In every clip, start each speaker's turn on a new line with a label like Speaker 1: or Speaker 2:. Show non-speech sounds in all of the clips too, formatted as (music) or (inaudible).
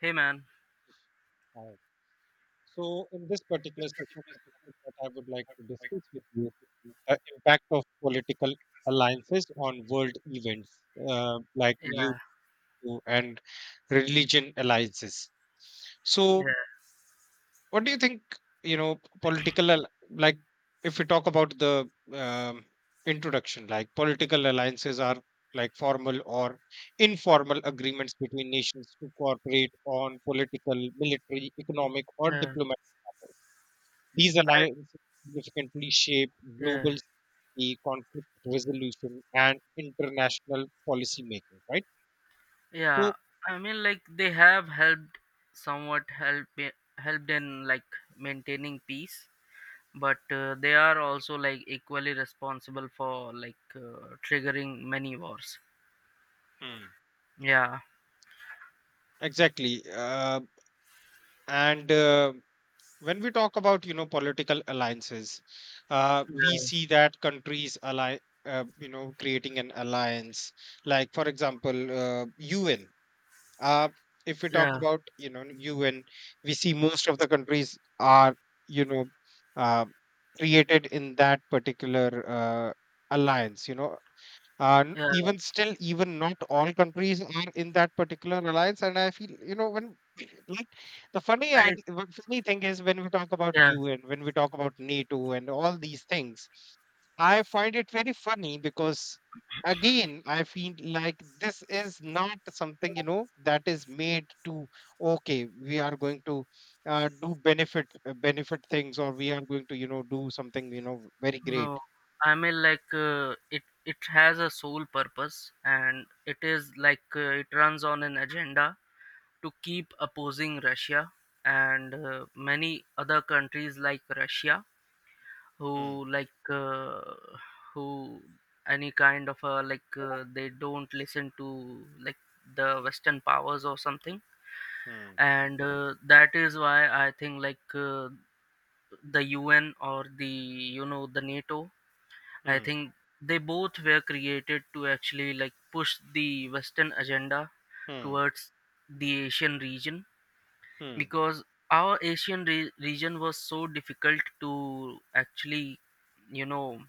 Speaker 1: Hey, man.
Speaker 2: Right. So, in this particular session, the topic that I would like to discuss with you, the impact of political alliances on world events, like you
Speaker 1: Yeah,
Speaker 2: you and religion alliances. So,
Speaker 1: yeah,
Speaker 2: what do you think? Like, if we talk about the introduction, like, political alliances are like formal or informal agreements between nations to cooperate on political, military, economic, or
Speaker 1: yeah,
Speaker 2: diplomatic matters. These
Speaker 1: I,
Speaker 2: alliances significantly shape
Speaker 1: yeah,
Speaker 2: global security, conflict resolution, and international policy making, right?
Speaker 1: yeah.
Speaker 2: So.
Speaker 1: I mean, like they have helped somewhat help helped in like maintaining peace, but they are also like equally responsible for like triggering many wars.
Speaker 2: Mm,
Speaker 1: Yeah,
Speaker 2: exactly. And when we talk about you know political alliances, we
Speaker 1: yeah,
Speaker 2: see that countries ally, you know, creating an alliance. Like, for example, UN. Uh, if we talk
Speaker 1: yeah,
Speaker 2: about you know UN, we see most of the countries are, you know, uh, created in that particular alliance. You know, and
Speaker 1: yeah.
Speaker 2: even still, even not all countries are in that particular alliance. And I feel, you know, when, like,
Speaker 1: I
Speaker 2: what funny thing is, when we talk about
Speaker 1: Yeah,
Speaker 2: UN, when we talk about NATO and all these things, I find it very funny because, again, I feel like this is not something, you know, that is made to, okay, we are going to do benefit benefit things, or we are going to, you know, do something, you know, very great.
Speaker 1: no. I mean, like it has a sole purpose, and it is like it runs on an agenda to keep opposing Russia and many other countries like Russia
Speaker 2: Hmm,
Speaker 1: who like uh, who any kind of they don't listen to like the Western powers or something.
Speaker 2: hmm,
Speaker 1: And that is why I think like the UN or the you know the NATO. I
Speaker 2: hmm,
Speaker 1: think they both were created to actually like push the Western agenda
Speaker 2: hmm,
Speaker 1: towards the Asian region,
Speaker 2: hmm.
Speaker 1: because our Asian region was so difficult to actually you know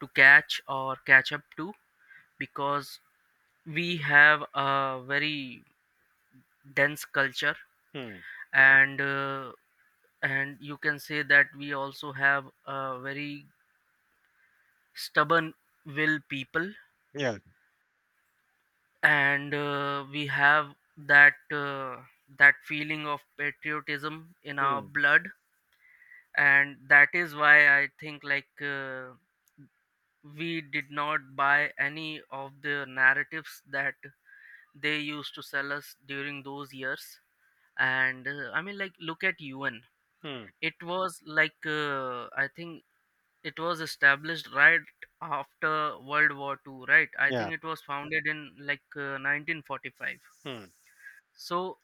Speaker 1: to catch or catch up to, because we have a very dense culture.
Speaker 2: Mm,
Speaker 1: And and you can say that we also have a very stubborn will people,
Speaker 2: yeah,
Speaker 1: and we have that feeling of patriotism in our
Speaker 2: mm,
Speaker 1: blood. And that is why I think like we did not buy any of the narratives that they used to sell us during those years. And I mean, like, look at UN.
Speaker 2: mm,
Speaker 1: It was like, I think it was established right after World War II, right? I
Speaker 2: yeah,
Speaker 1: think it was founded in like 1945.
Speaker 2: mm,
Speaker 1: So,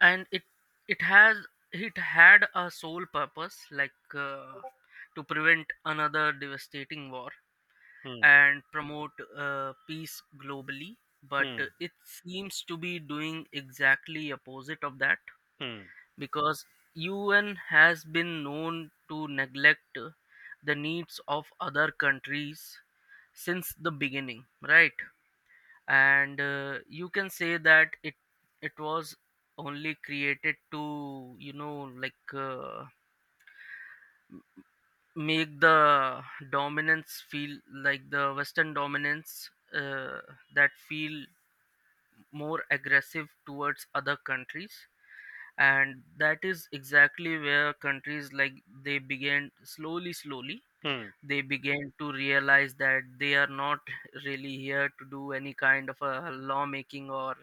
Speaker 1: and it has it had a sole purpose, like to prevent another devastating war
Speaker 2: mm,
Speaker 1: and promote peace globally, but
Speaker 2: mm,
Speaker 1: it seems to be doing exactly opposite of that,
Speaker 2: mm,
Speaker 1: because UN has been known to neglect the needs of other countries since the beginning, right? And you can say that it was only created to, you know, like make the dominance feel, like the Western dominance, that feel more aggressive towards other countries. And that is exactly where countries like they began slowly slowly,
Speaker 2: mm,
Speaker 1: they began to realize that they are not really here to do any kind of a lawmaking or,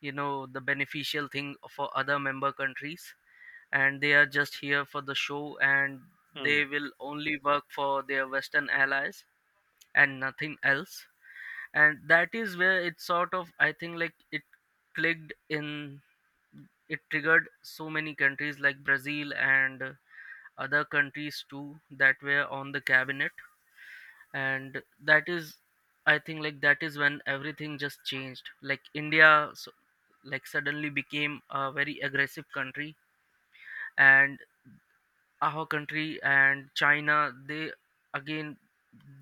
Speaker 1: you know, the beneficial thing for other member countries, and they are just here for the show. And they
Speaker 2: mm,
Speaker 1: will only work for their Western allies, and nothing else. And that is where it sort of, I think, like it clicked in. It triggered so many countries like Brazil and other countries too that were on the cabinet. And that is, I think, like that is when everything just changed. Like India, so, like suddenly became a very aggressive country. And our country and China, they again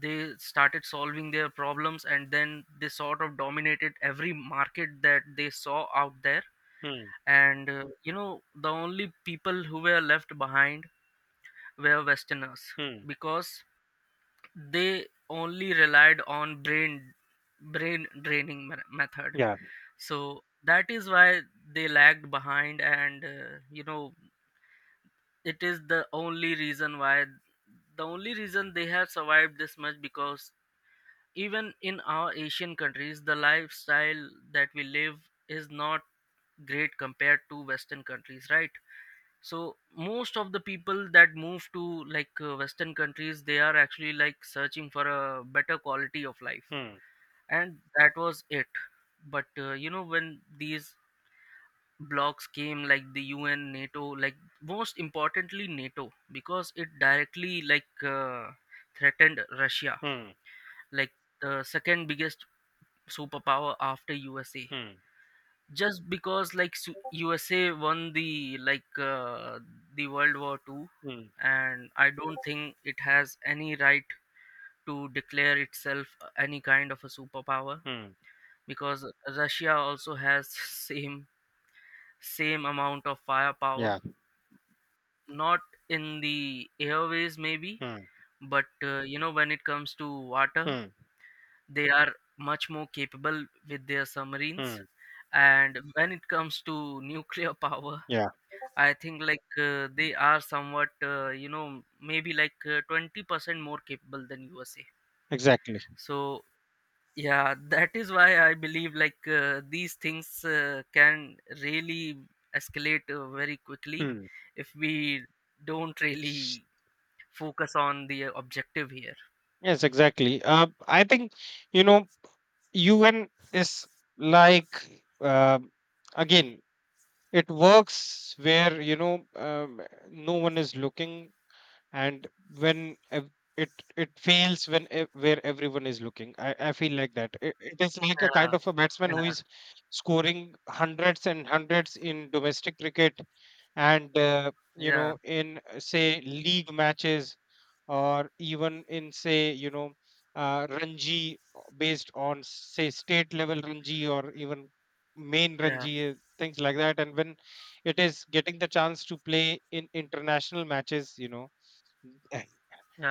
Speaker 1: they started solving their problems, and then they sort of dominated every market that they saw out there.
Speaker 2: mm,
Speaker 1: And you know, the only people who were left behind were Westerners,
Speaker 2: mm,
Speaker 1: because they only relied on brain draining method.
Speaker 2: yeah,
Speaker 1: So that is why they lagged behind, and you know, it is the only reason they have survived this much. Because even in our Asian countries, the lifestyle that we live is not great compared to Western countries, right? So most of the people that move to like Western countries, they are actually like searching for a better quality of life,
Speaker 2: mm,
Speaker 1: and that was it. But you know, when these blocks came, like the UN, NATO, like most importantly NATO, because it directly like threatened Russia,
Speaker 2: mm,
Speaker 1: like the second biggest superpower after USA,
Speaker 2: mm,
Speaker 1: just because like USA won the, like the World War II.
Speaker 2: mm,
Speaker 1: And I don't think it has any right to declare itself any kind of a superpower,
Speaker 2: mm,
Speaker 1: because Russia also has (laughs) same amount of firepower,
Speaker 2: yeah,
Speaker 1: not in the airways maybe.
Speaker 2: mm,
Speaker 1: But you know, when it comes to water,
Speaker 2: mm,
Speaker 1: they are much more capable with their submarines.
Speaker 2: mm,
Speaker 1: And when it comes to (laughs) nuclear power,
Speaker 2: yeah,
Speaker 1: I think like they are somewhat, you know, maybe like 20% more capable than USA.
Speaker 2: exactly.
Speaker 1: So, yeah, (laughs) that is why I believe like these things can really escalate very quickly
Speaker 2: Mm.
Speaker 1: if we don't really focus on the objective here.
Speaker 2: Yes, exactly. I think, you know, UN is like, uh, again, it works where, you know, no one is looking, and when ev- it it fails where everyone is looking. I feel like that it is like a
Speaker 1: Yeah,
Speaker 2: kind of a batsman who is scoring hundreds and hundreds in domestic cricket and
Speaker 1: yeah,
Speaker 2: you
Speaker 1: yeah,
Speaker 2: know, in say, league matches, or even in, say, you know, ranji, based on, say, state level ranji, or even main ranji, things like that, and when it is getting the chance to play in international matches, you know. (laughs)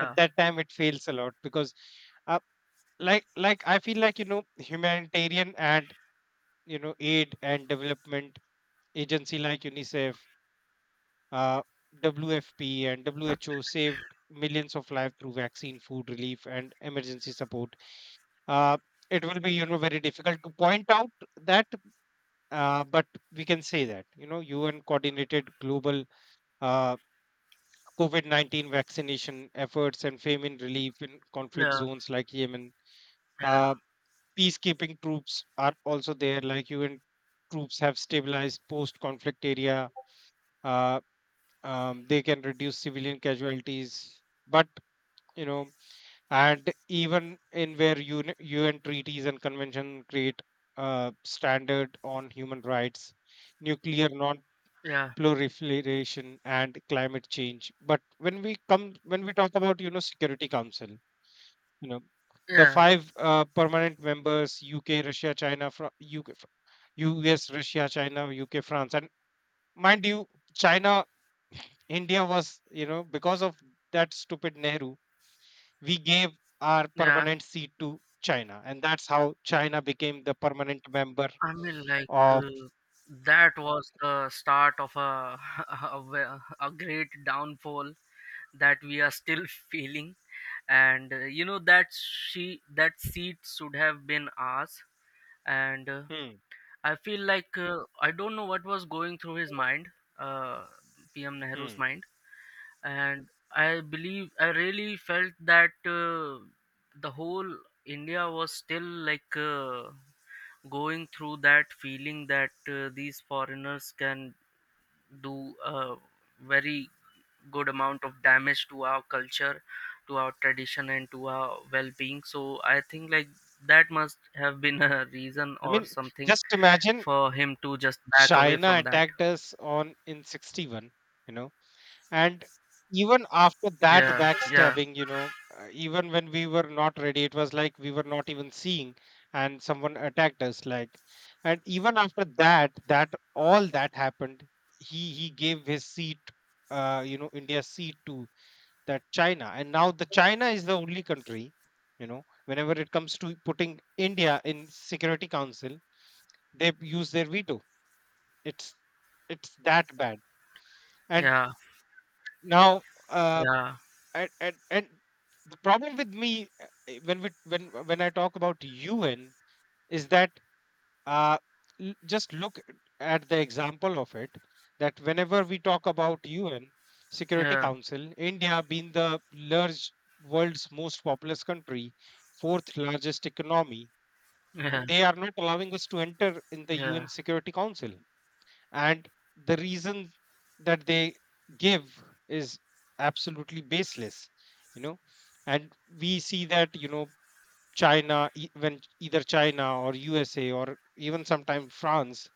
Speaker 2: At that time, it fails a lot because, uh, like, I feel like, you know, humanitarian and, you know, aid and development agency like UNICEF, uh, WFP and WHO saved millions of lives through vaccine, food relief, and emergency support. Uh, it will be, you know, very difficult to point out that, but we can say that, you know, UN coordinated global uh, COVID-19 vaccination efforts and famine relief in conflict
Speaker 1: yeah,
Speaker 2: zones like Yemen.
Speaker 1: yeah, yeah,
Speaker 2: Uh, Peacekeeping troops are also there. Like, UN troops have stabilized post conflict area. Uh, they can reduce civilian casualties. But, you know, and even in where UN treaties and convention create a standard on human rights, nuclear non
Speaker 1: yeah,
Speaker 2: proliferation and climate change, but when we talk about, you know, Security Council, you know, the
Speaker 1: yeah,
Speaker 2: five permanent members, UK, Russia, China, UK, US, Russia, China, UK, France, and, mind you, China. India was, you know, because of that stupid Nehru, we gave our
Speaker 1: yeah.
Speaker 2: permanent seat to China, and that's how China became the permanent member
Speaker 1: I mean, like
Speaker 2: of.
Speaker 1: that was the start of (laughs) a great downfall that we are still (laughs) feeling. And you know, that seat should have been ours. And
Speaker 2: Hmm,
Speaker 1: I feel like I don't know what was going through his mind, uh, PM Nehru's
Speaker 2: hmm.
Speaker 1: mind. And I believe I really felt that the whole India was still like, going through that feeling that these foreigners can do a very good amount of damage to our culture, to our tradition, and to our well-being. So I think like that must have been a reason
Speaker 2: I
Speaker 1: or
Speaker 2: mean,
Speaker 1: something
Speaker 2: just imagine,
Speaker 1: for him to just back away
Speaker 2: China
Speaker 1: from that.
Speaker 2: attacked us on in 61. You know. And even after that
Speaker 1: Yeah, yeah,
Speaker 2: backstabbing, you know, even when we were not ready, it was like we were not even seeing, and someone attacked us. Like, and even after that, that all that happened, he gave his seat, you know, India's seat, to that China, and now the China is the only country, you know, whenever it comes to putting India in Security Council, they use their veto. It's it's that bad, and
Speaker 1: yeah,
Speaker 2: now. Uh,
Speaker 1: yeah,
Speaker 2: and the problem with me, eh, when we when I talk about UN, is that, uh just look at the example of it, that whenever we talk about UN Security
Speaker 1: yeah,
Speaker 2: Council, India being the large world's most populous country, fourth largest economy,
Speaker 1: yeah,
Speaker 2: they are not allowing us to enter in the
Speaker 1: yeah,
Speaker 2: UN Security Council. And the reason that they give is absolutely baseless, you know. And we see that, you know, when either China or usa or even sometimes France,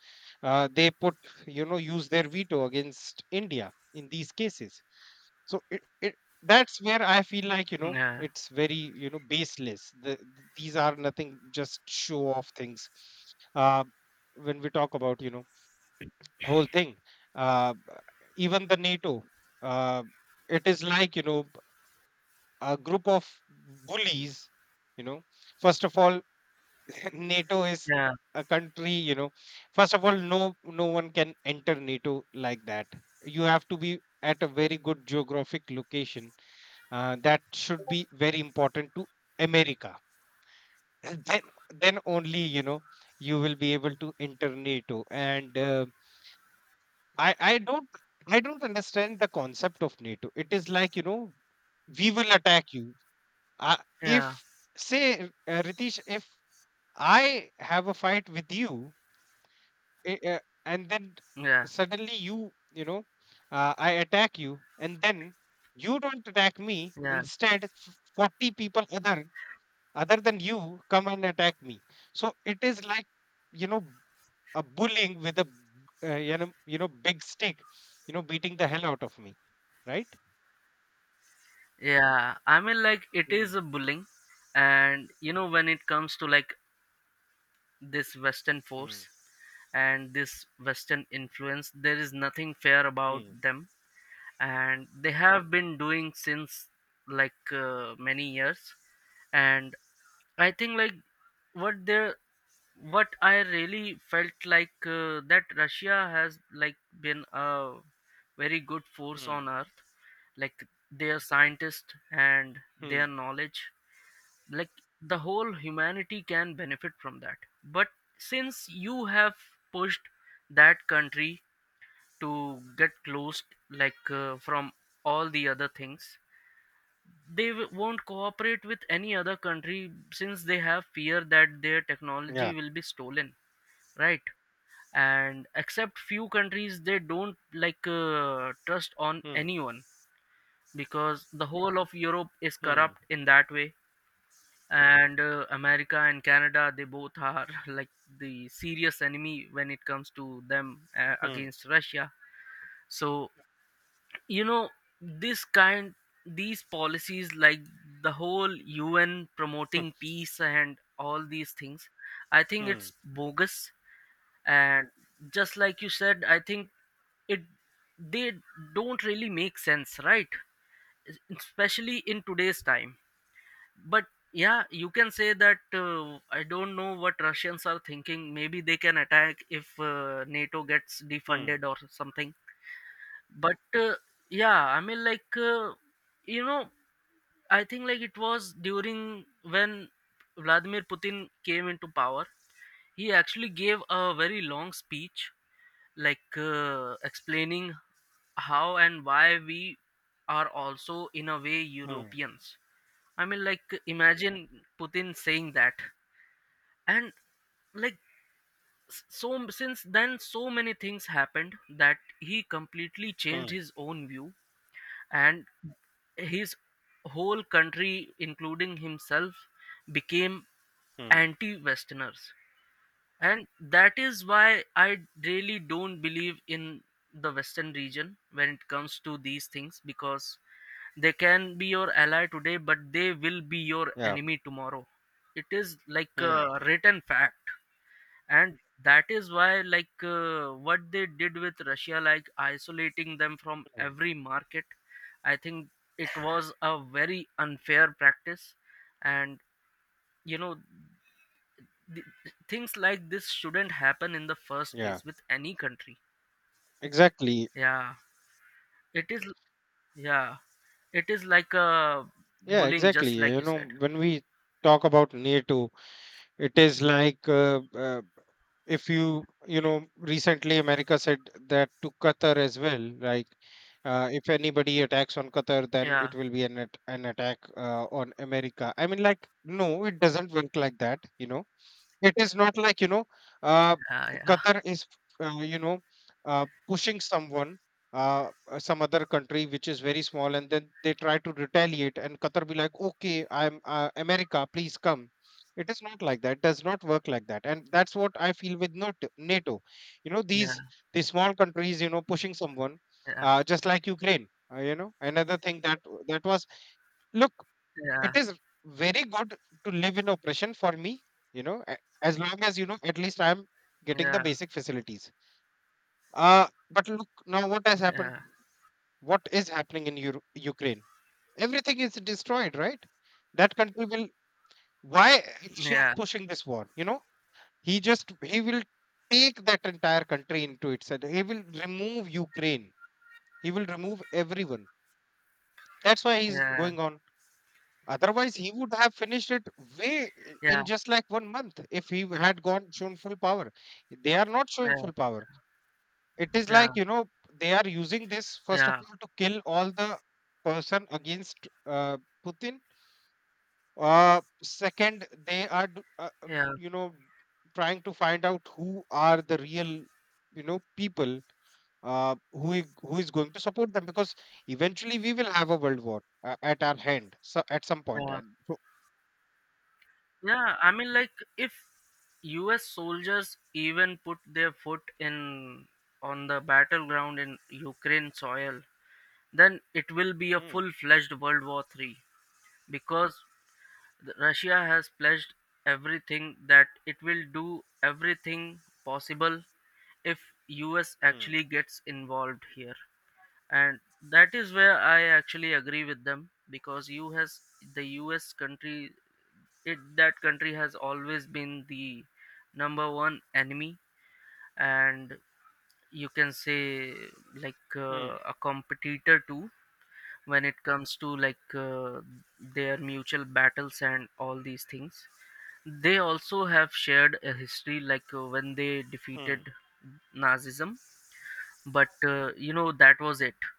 Speaker 2: they put, you know, use their veto against India in these cases. So it that's where I feel like, you know,
Speaker 1: yeah,
Speaker 2: it's very, you know, baseless. The, these are nothing, just show off things, uh, when we talk about, you know, whole thing, uh, even the NATO, uh, it is like, you know, a group of bullies, you know. First of all, (clears throat) NATO is
Speaker 1: yeah,
Speaker 2: a country, you know. First of all, no, no one can enter NATO like that. You have to be at a very good geographic location, that should be very important to America. (clears throat) And then only, you know, you will be able to enter NATO. And I I don't I don't understand the concept of NATO. It is like, you know, we will attack you. Uh,
Speaker 1: yeah,
Speaker 2: if, say, Ritesh, if I have a fight with you, eh, eh, and then
Speaker 1: yeah,
Speaker 2: suddenly I attack you, and then you don't attack me.
Speaker 1: yeah,
Speaker 2: Instead, 40 people other than you come and attack me. So it is like, you know, a bullying with a, big stick, you know, beating the hell out of me, right?
Speaker 1: yeah. I mean, like, it
Speaker 2: Mm,
Speaker 1: is a bullying. And you know, when it comes to like this Western
Speaker 2: mm,
Speaker 1: force and this Western influence, there is nothing fair about
Speaker 2: mm,
Speaker 1: them, and they have been doing since like many years. And I think like what they what I really felt like that Russia has like been a very good force
Speaker 2: mm,
Speaker 1: on earth, like their scientists and their
Speaker 2: mm.
Speaker 1: knowledge, like the whole humanity can benefit from that. But since you have pushed that country to get closed, like from all the other things, they won't cooperate with any other country, since they have fear that their technology
Speaker 2: Yeah.
Speaker 1: will be stolen, right? And except few countries, they don't like trust on
Speaker 2: Mm,
Speaker 1: anyone, because the whole of Europe is
Speaker 2: mm,
Speaker 1: corrupt in that way. And America and Canada, they both are (laughs) like the serious enemy when it comes to them
Speaker 2: mm,
Speaker 1: against Russia. So, you know, this kind these policies, like the whole UN
Speaker 2: mm,
Speaker 1: promoting peace and all these things, I think it's
Speaker 2: mm,
Speaker 1: bogus. And just like you said, I think it they don't really make sense, right? Especially in today's time. But yeah, you can say that I don't know what Russians are thinking. Maybe they can attack if NATO gets
Speaker 2: mm,
Speaker 1: defunded or something. But yeah, I mean, like, you know, I think like it was during when Vladimir Putin came into power, he actually gave a very long speech, like explaining how and why we are also, in a way,
Speaker 2: mm,
Speaker 1: Europeans. I mean, like, imagine Putin saying that. And, like, since then, so many things happened that he completely changed
Speaker 2: mm,
Speaker 1: his own view, and his whole country, including himself, became
Speaker 2: mm.
Speaker 1: anti Westerners. And that is why I really don't believe in the Western region when it comes to these things, because they can be your ally today, but they will be your
Speaker 2: Yeah.
Speaker 1: enemy tomorrow. It is like
Speaker 2: Mm,
Speaker 1: a written fact. And that is why, like, what they did with Russia, like isolating them from
Speaker 2: mm.
Speaker 1: every market, I think it was a very unfair practice. And you know, th- things like this shouldn't happen in the first
Speaker 2: Yeah.
Speaker 1: place with any country.
Speaker 2: Exactly.
Speaker 1: Yeah, it is. Yeah, it is like a
Speaker 2: Yeah.
Speaker 1: bullying,
Speaker 2: Exactly.
Speaker 1: just like
Speaker 2: You
Speaker 1: you
Speaker 2: know,
Speaker 1: said.
Speaker 2: when we talk about NATO, it is like, if recently America said that to Qatar as well, like, if anybody attacks on Qatar, then
Speaker 1: Yeah,
Speaker 2: it will be an attack on America. I mean, like, no, it doesn't work like that, you know. It is not like, you know, uh,
Speaker 1: yeah, yeah.
Speaker 2: Qatar is you know pushing someone, some other country which is very small, and then they try to retaliate, and Qatar be like, okay, I'm, America, please come. It is not like that. It does not work like that, and that's what I feel with NATO. You know,
Speaker 1: Yeah,
Speaker 2: these small countries, you know, pushing someone,
Speaker 1: yeah,
Speaker 2: just like Ukraine. You know, another thing, that was, look,
Speaker 1: yeah,
Speaker 2: it is very good to live in oppression for me. You know, as long as, you know, at least I am getting the
Speaker 1: yeah,
Speaker 2: basic facilities. But look now, what has happened?
Speaker 1: yeah,
Speaker 2: What is happening in Ukraine? Everything is destroyed, right? That country will. Why Russia is
Speaker 1: yeah,
Speaker 2: pushing this war? You know, he will take that entire country into itself. He will remove Ukraine, he will remove everyone. That's why he's
Speaker 1: yeah,
Speaker 2: going on, otherwise he would have finished it
Speaker 1: yeah, yeah,
Speaker 2: in just like one month if he had gone shown full power. They are not showing full power. It is
Speaker 1: yeah,
Speaker 2: like, you know, they are using this, first of
Speaker 1: yeah,
Speaker 2: all, to kill all the person against uh, Putin. Second, they are
Speaker 1: yeah,
Speaker 2: you know, trying to find out who are the real, you know, people, who is going to support them, because eventually we will have a world war, at our hand, so, at some point,
Speaker 1: yeah.
Speaker 2: and so,
Speaker 1: Yeah, I mean, like, if U.S. soldiers even put their foot in on the battleground in Ukraine soil, then it will be a
Speaker 2: hmm,
Speaker 1: full-fledged World War III, because Russia has pledged everything that it will do everything possible if U.S.
Speaker 2: hmm,
Speaker 1: actually gets involved here. And that is where I actually agree with them, because you has the us country it that country has always been the number one enemy. And you can say, like
Speaker 2: hmm,
Speaker 1: a competitor too, when it comes to like their mutual battles and all these things. They also have shared a history, like when they
Speaker 2: hmm.
Speaker 1: defeated Nazism. But you know, that was it.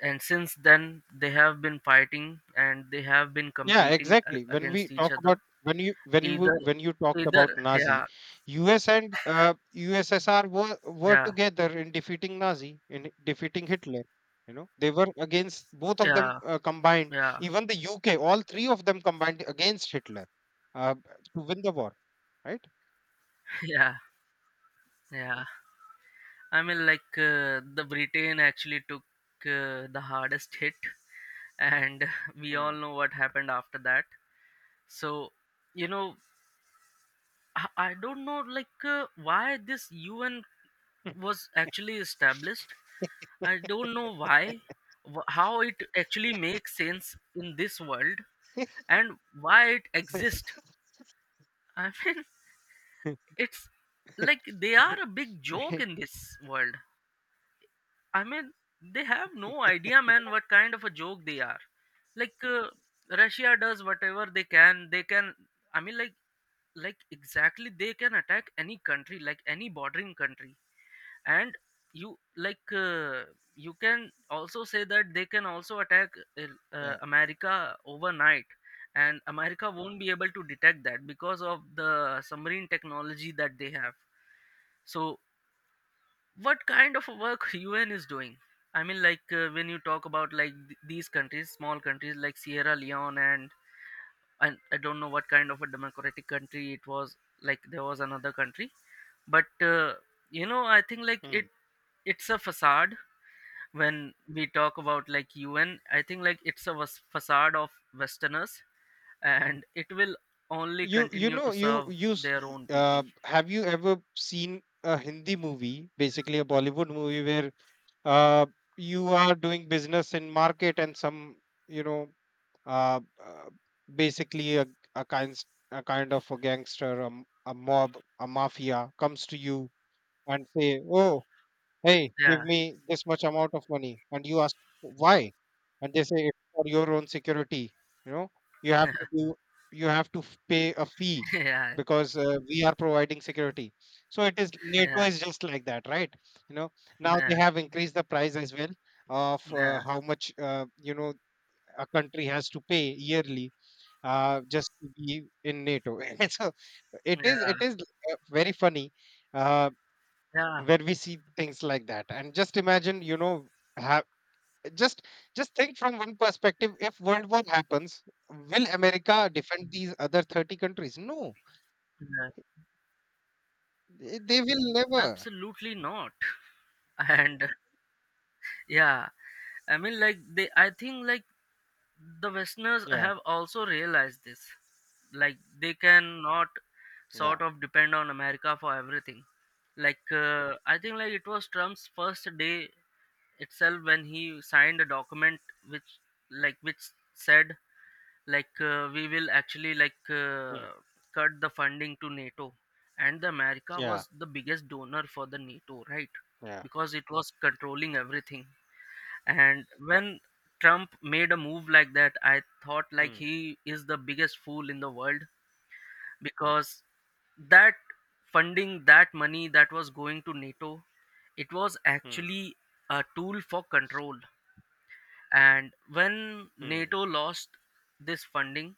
Speaker 1: And since then they have been fighting, and they have been
Speaker 2: Yeah,
Speaker 1: competing
Speaker 2: exactly. When we
Speaker 1: against each
Speaker 2: talk about,
Speaker 1: other.
Speaker 2: when you when you w-
Speaker 1: Either
Speaker 2: when you talked
Speaker 1: either
Speaker 2: about
Speaker 1: Yeah,
Speaker 2: Nazi, U.S. and USSR were
Speaker 1: yeah,
Speaker 2: together in defeating Nazi, in defeating Hitler. You know, they were against both of them,
Speaker 1: yeah,
Speaker 2: combined.
Speaker 1: yeah,
Speaker 2: Even the U.K., all three of them combined against Hitler, uh, to win the war. Right?
Speaker 1: (laughs) yeah, yeah. I mean, like the Britain actually took the hardest hit. And (laughs) we all
Speaker 2: Hmm.
Speaker 1: know what happened after that. So you know, I don't know like why this UN was actually established. I don't know why, how it actually makes sense in this world and why it exists. I mean, (laughs) it's like they are a big joke in
Speaker 2: (laughs)
Speaker 1: this world. I mean, they have no idea, man, what kind of a joke they are. Like Russia does whatever they can. They can. I mean, like, exactly they can attack any country, like any bordering country. And you you can also say that they can also attack
Speaker 2: Yeah.
Speaker 1: america overnight, and america won't be able to detect that because of the submarine technology that they have. So what kind of a work (laughs) UN is doing? When you talk about like these countries, small countries like Sierra Leone and I don't know what kind of a democratic country it was, like there was another country. But uh, you know, I think like it
Speaker 2: Hmm.
Speaker 1: it's a facade. When we talk about like UN, I think like it's a facade of Westerners, and it will only
Speaker 2: You you
Speaker 1: continue
Speaker 2: know
Speaker 1: to
Speaker 2: you
Speaker 1: serve
Speaker 2: you s-
Speaker 1: their
Speaker 2: y-
Speaker 1: own people.
Speaker 2: uh, have you ever seen a Hindi movie, basically a Bollywood movie, where uh, you are doing business in market, and some, you know, uh, uh, basically a kind a kind of a gangster, a, m- a mob a mafia comes to you and say, oh, hey, give
Speaker 1: Yeah,
Speaker 2: me this much amount of money. And you ask, why? And they say, it's for your own security. You know, you have to
Speaker 1: (laughs)
Speaker 2: do, you have to f- pay a fee,
Speaker 1: yeah,
Speaker 2: because we are providing security. So it is, NATO
Speaker 1: yeah,
Speaker 2: is just like that, right? You know, now
Speaker 1: yeah,
Speaker 2: they have increased the price as well of
Speaker 1: yeah,
Speaker 2: how much, you know, a country has to pay yearly, just to be in NATO. (laughs) so it is,
Speaker 1: yeah,
Speaker 2: it is uh, very funny. Uh,
Speaker 1: yeah,
Speaker 2: where we see things like that, and just imagine, you know have just just think from one perspective: if world war happens, will America defend these other 30 countries? No,
Speaker 1: yeah.
Speaker 2: they will never.
Speaker 1: Absolutely not. And yeah, I mean, I think like the Westerners
Speaker 2: Yeah,
Speaker 1: have also realized this. Like they cannot
Speaker 2: yeah.
Speaker 1: sort of depend on America for everything. I think like it was Trump's first day itself when he signed a document which which said we will actually like
Speaker 2: Mm,
Speaker 1: cut the funding to NATO, and the America
Speaker 2: yeah,
Speaker 1: was the biggest donor for the NATO, right?
Speaker 2: yeah.
Speaker 1: Because it was controlling everything. And when Trump made a move like that, I thought like
Speaker 2: Hmm,
Speaker 1: he is the biggest fool in the world, because that funding, that money that was going to NATO, it was
Speaker 2: hmm,
Speaker 1: actually a tool for control. And when
Speaker 2: hmm,
Speaker 1: NATO lost this funding,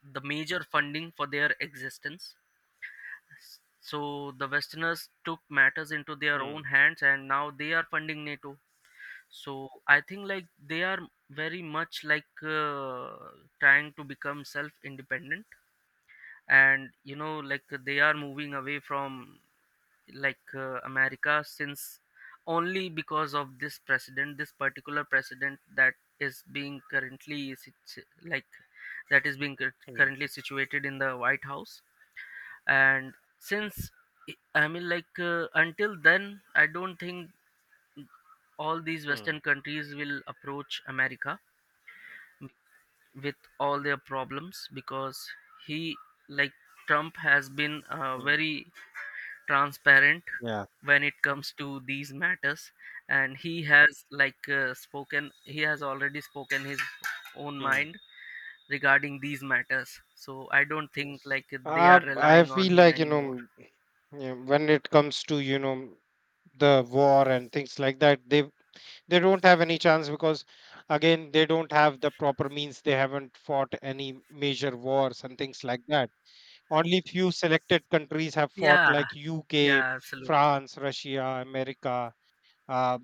Speaker 1: the major funding for their existence, so the Westerners took matters into their
Speaker 2: hmm,
Speaker 1: own hands and now they are funding NATO. So I think like they are very much trying to become self independent, and you know, like they are moving away from america, since only because of this president, this particular president that is being currently sit- like that is being currently
Speaker 2: hmm,
Speaker 1: situated in the white house. And since I mean until then, I don't think all these
Speaker 2: hmm.
Speaker 1: western countries will approach america with all their problems, because he like trump has been
Speaker 2: Mm,
Speaker 1: very transparent
Speaker 2: yeah.
Speaker 1: when it comes to these matters, and he has like spoken he has already spoken his own
Speaker 2: Hmm.
Speaker 1: mind regarding these matters. So I don't think like they are
Speaker 2: I
Speaker 1: relying on
Speaker 2: feel
Speaker 1: him
Speaker 2: like, you
Speaker 1: anymore.
Speaker 2: know, yeah, when it comes to, you know, the war and things like that, they don't have any chance, because again, they don't have the proper means. They haven't fought any major wars and things like that. Only few selected countries have fought,
Speaker 1: Yeah,
Speaker 2: like UK,
Speaker 1: yeah, absolutely,
Speaker 2: France, Russia, America, uh,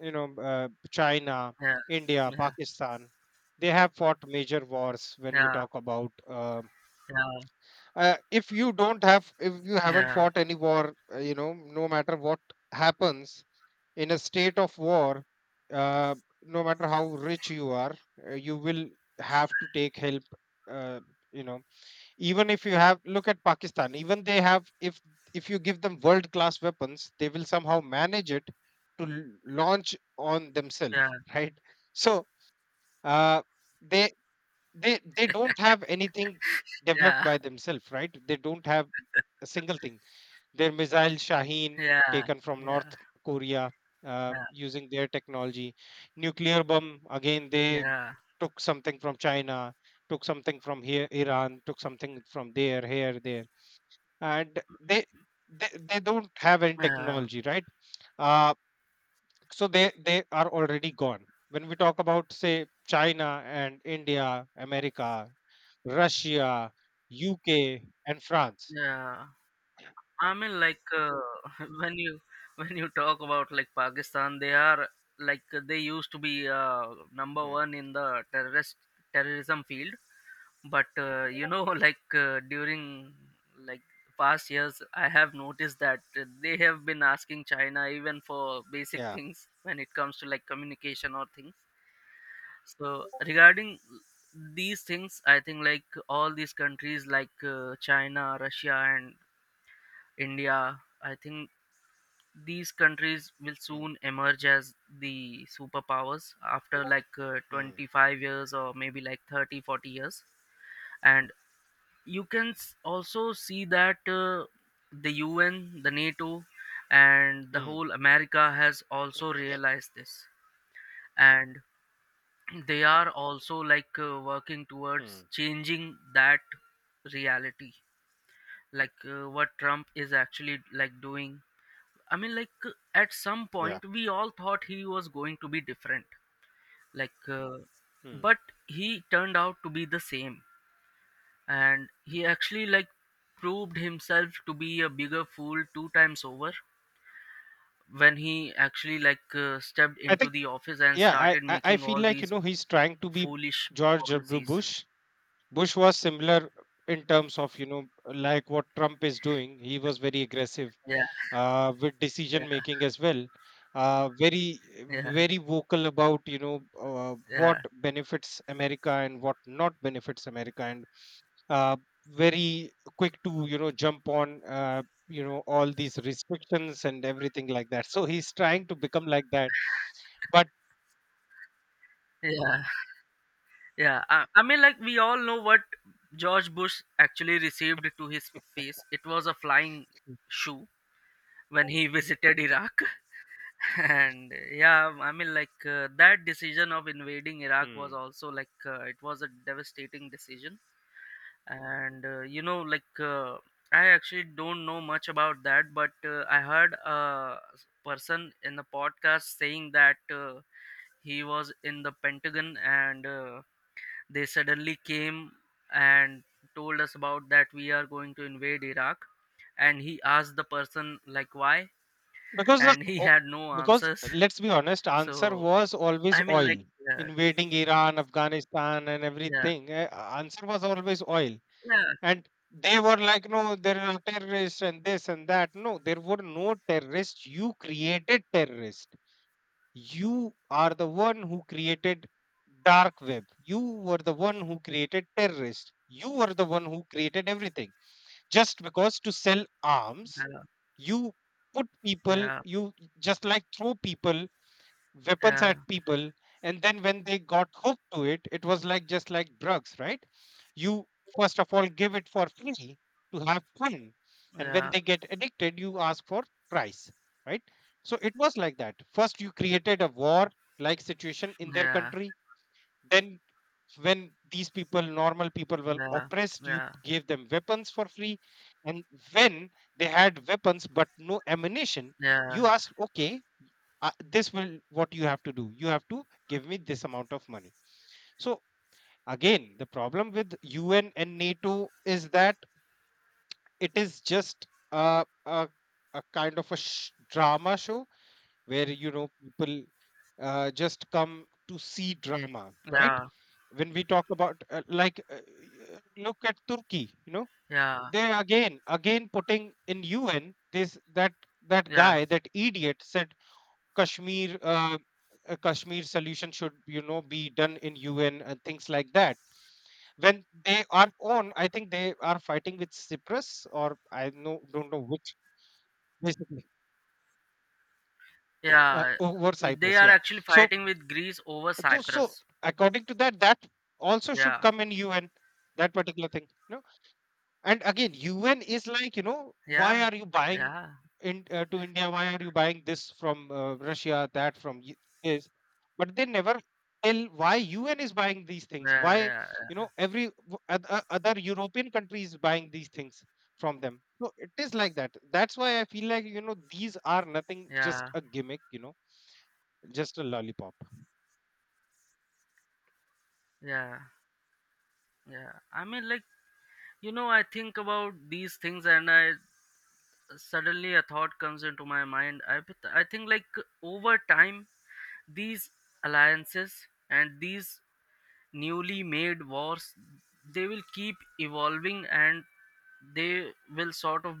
Speaker 2: you know, China,
Speaker 1: yeah,
Speaker 2: India,
Speaker 1: yeah,
Speaker 2: Pakistan. They have fought major wars. When we
Speaker 1: yeah,
Speaker 2: talk about, um if you don't have, if you haven't
Speaker 1: yeah,
Speaker 2: fought any war, you know, no matter what happens in a state of war, uh, no matter how rich you are, you will have to take help. uh, you know, even if you have, look at Pakistan, even they have, if you give them world class weapons, they will somehow manage it to launch on themselves.
Speaker 1: yeah,
Speaker 2: (laughs) Right? So uh, they they don't have anything developed
Speaker 1: yeah,
Speaker 2: by themselves, right? They don't have a single thing. Their missile Shaheen,
Speaker 1: yeah, yeah,
Speaker 2: taken from
Speaker 1: yeah,
Speaker 2: North Korea, using their technology. Nuclear bomb, again
Speaker 1: yeah,
Speaker 2: they
Speaker 1: yeah,
Speaker 2: took something from China, took something from here, Iran, took something from there, here, there, and they don't have any
Speaker 1: yeah.
Speaker 2: technology, right? Uh, so they are already gone. When we talk about, say, China and India, America, Russia, UK, and France.
Speaker 1: Yeah, I mean, (laughs) when you when you talk about like Pakistan, they are like they used to be number
Speaker 2: Yeah.
Speaker 1: one in the terrorist terrorism field. But you know, (laughs) during like past years, I have noticed that they have been asking China even for basic
Speaker 2: Yeah.
Speaker 1: things when it comes to like communication or things. So regarding these things, I think like all these countries China, Russia, and India. I think these countries will
Speaker 2: Mm,
Speaker 1: soon emerge as the superpowers after
Speaker 2: mm,
Speaker 1: 25 years, or maybe like 30 40 years. And you can also see that the UN, the NATO, and the
Speaker 2: mm.
Speaker 1: whole America has also
Speaker 2: (clears throat)
Speaker 1: realized this, and they are also working towards
Speaker 2: Mm,
Speaker 1: changing that reality, what Trump is actually like doing. I mean, like at some
Speaker 2: yeah.
Speaker 1: point we all thought he was going to be different, like, uh,
Speaker 2: Mm.
Speaker 1: but he turned out to be the same, and he actually like proved himself to be a bigger fool two times over when he actually like stepped
Speaker 2: I
Speaker 1: into
Speaker 2: think,
Speaker 1: the office and
Speaker 2: yeah, I,
Speaker 1: started
Speaker 2: I I
Speaker 1: making
Speaker 2: feel
Speaker 1: all
Speaker 2: like, you
Speaker 1: these
Speaker 2: know, he's trying to be
Speaker 1: foolish
Speaker 2: George W.
Speaker 1: policies.
Speaker 2: Bush. Bush was similar in terms of, you know, like what Trump is doing. He was very aggressive
Speaker 1: Yeah,
Speaker 2: with decision
Speaker 1: yeah,
Speaker 2: making as well. Very,
Speaker 1: yeah,
Speaker 2: very vocal about, you know, what
Speaker 1: yeah,
Speaker 2: benefits America and what not benefits America. And uh, very quick to, you know, jump on, you know, all these restrictions and everything like that, so he's trying to become like that, but...
Speaker 1: yeah, yeah. I mean, like we all know what George Bush actually received to his face. It was a flying shoe when he visited Iraq. (laughs) And yeah, I mean, that decision of invading Iraq was
Speaker 2: Hmm.
Speaker 1: also it was a devastating decision. And you know, I actually don't know much about that, but I heard a person in the podcast saying that he was in the Pentagon, and they suddenly came and told us about that we are going to invade Iraq, and he asked the person like why,
Speaker 2: because the,
Speaker 1: and he
Speaker 2: o-
Speaker 1: had no
Speaker 2: because
Speaker 1: answers.
Speaker 2: let's be honest, answer
Speaker 1: So
Speaker 2: was always
Speaker 1: I mean,
Speaker 2: oil.
Speaker 1: like, yeah,
Speaker 2: Invading Iran, Afghanistan, and
Speaker 1: yeah,
Speaker 2: everything, answer was always oil.
Speaker 1: yeah,
Speaker 2: And they were like, no, there are terrorists and this and that. No, there were no terrorists. You created terrorists. You are the one who created dark web. You were the one who created terrorists. You were the one who created everything, just because, to sell arms.
Speaker 1: yeah,
Speaker 2: You put people,
Speaker 1: yeah,
Speaker 2: you just like throw people, weapons
Speaker 1: yeah,
Speaker 2: at people. And then when they got hooked to it, it was like just like drugs, right? You, first of all, give it for free to have fun, and when
Speaker 1: yeah,
Speaker 2: they get addicted, you ask for price, right? So it was like that. First, you created a war like situation in
Speaker 1: yeah,
Speaker 2: their
Speaker 1: yeah,
Speaker 2: country, then when these people, normal people, were oppressed, you
Speaker 1: yeah,
Speaker 2: gave them weapons for free. And when they had weapons but no ammunition, you ask, okay, this will, what you have to do, you have to give me this amount of money. So... Again, the problem with UN and NATO is that it is just a a, a kind of a drama show, where, you know, people just come to see drama, right?
Speaker 1: yeah,
Speaker 2: When we talk about, like look at Turkey, you know,
Speaker 1: yeah,
Speaker 2: they again putting in UN, this, that. That
Speaker 1: yeah,
Speaker 2: guy, that idiot, said Kashmir, a Kashmir solution should, you know, be done in UN and things like that, when they are on, I think they are fighting with Cyprus, or I know don't know which, basically
Speaker 1: yeah.
Speaker 2: over
Speaker 1: They
Speaker 2: Cyprus.
Speaker 1: are
Speaker 2: Yeah.
Speaker 1: actually
Speaker 2: So
Speaker 1: fighting with Greece over
Speaker 2: so
Speaker 1: Cyprus.
Speaker 2: according to that, that also should
Speaker 1: Yeah,
Speaker 2: come in UN, that particular thing. No. And again, UN is like, you know, why
Speaker 1: yeah,
Speaker 2: are you buying
Speaker 1: yeah,
Speaker 2: in, to India, why are you buying this from, Russia, that from, this. But they never tell why UN is buying these things, why,
Speaker 1: yeah, yeah,
Speaker 2: you know, every other European country is buying these things from them. So it is like that. That's why I feel like, you know, these are nothing, just
Speaker 1: yeah,
Speaker 2: a gimmick, you know. Just a lollipop.
Speaker 1: yeah, yeah. I mean, like, you know, I think about these things and I suddenly a thought comes into my mind. I think, like, over time, these alliances and these newly made wars, they will keep evolving and they will sort of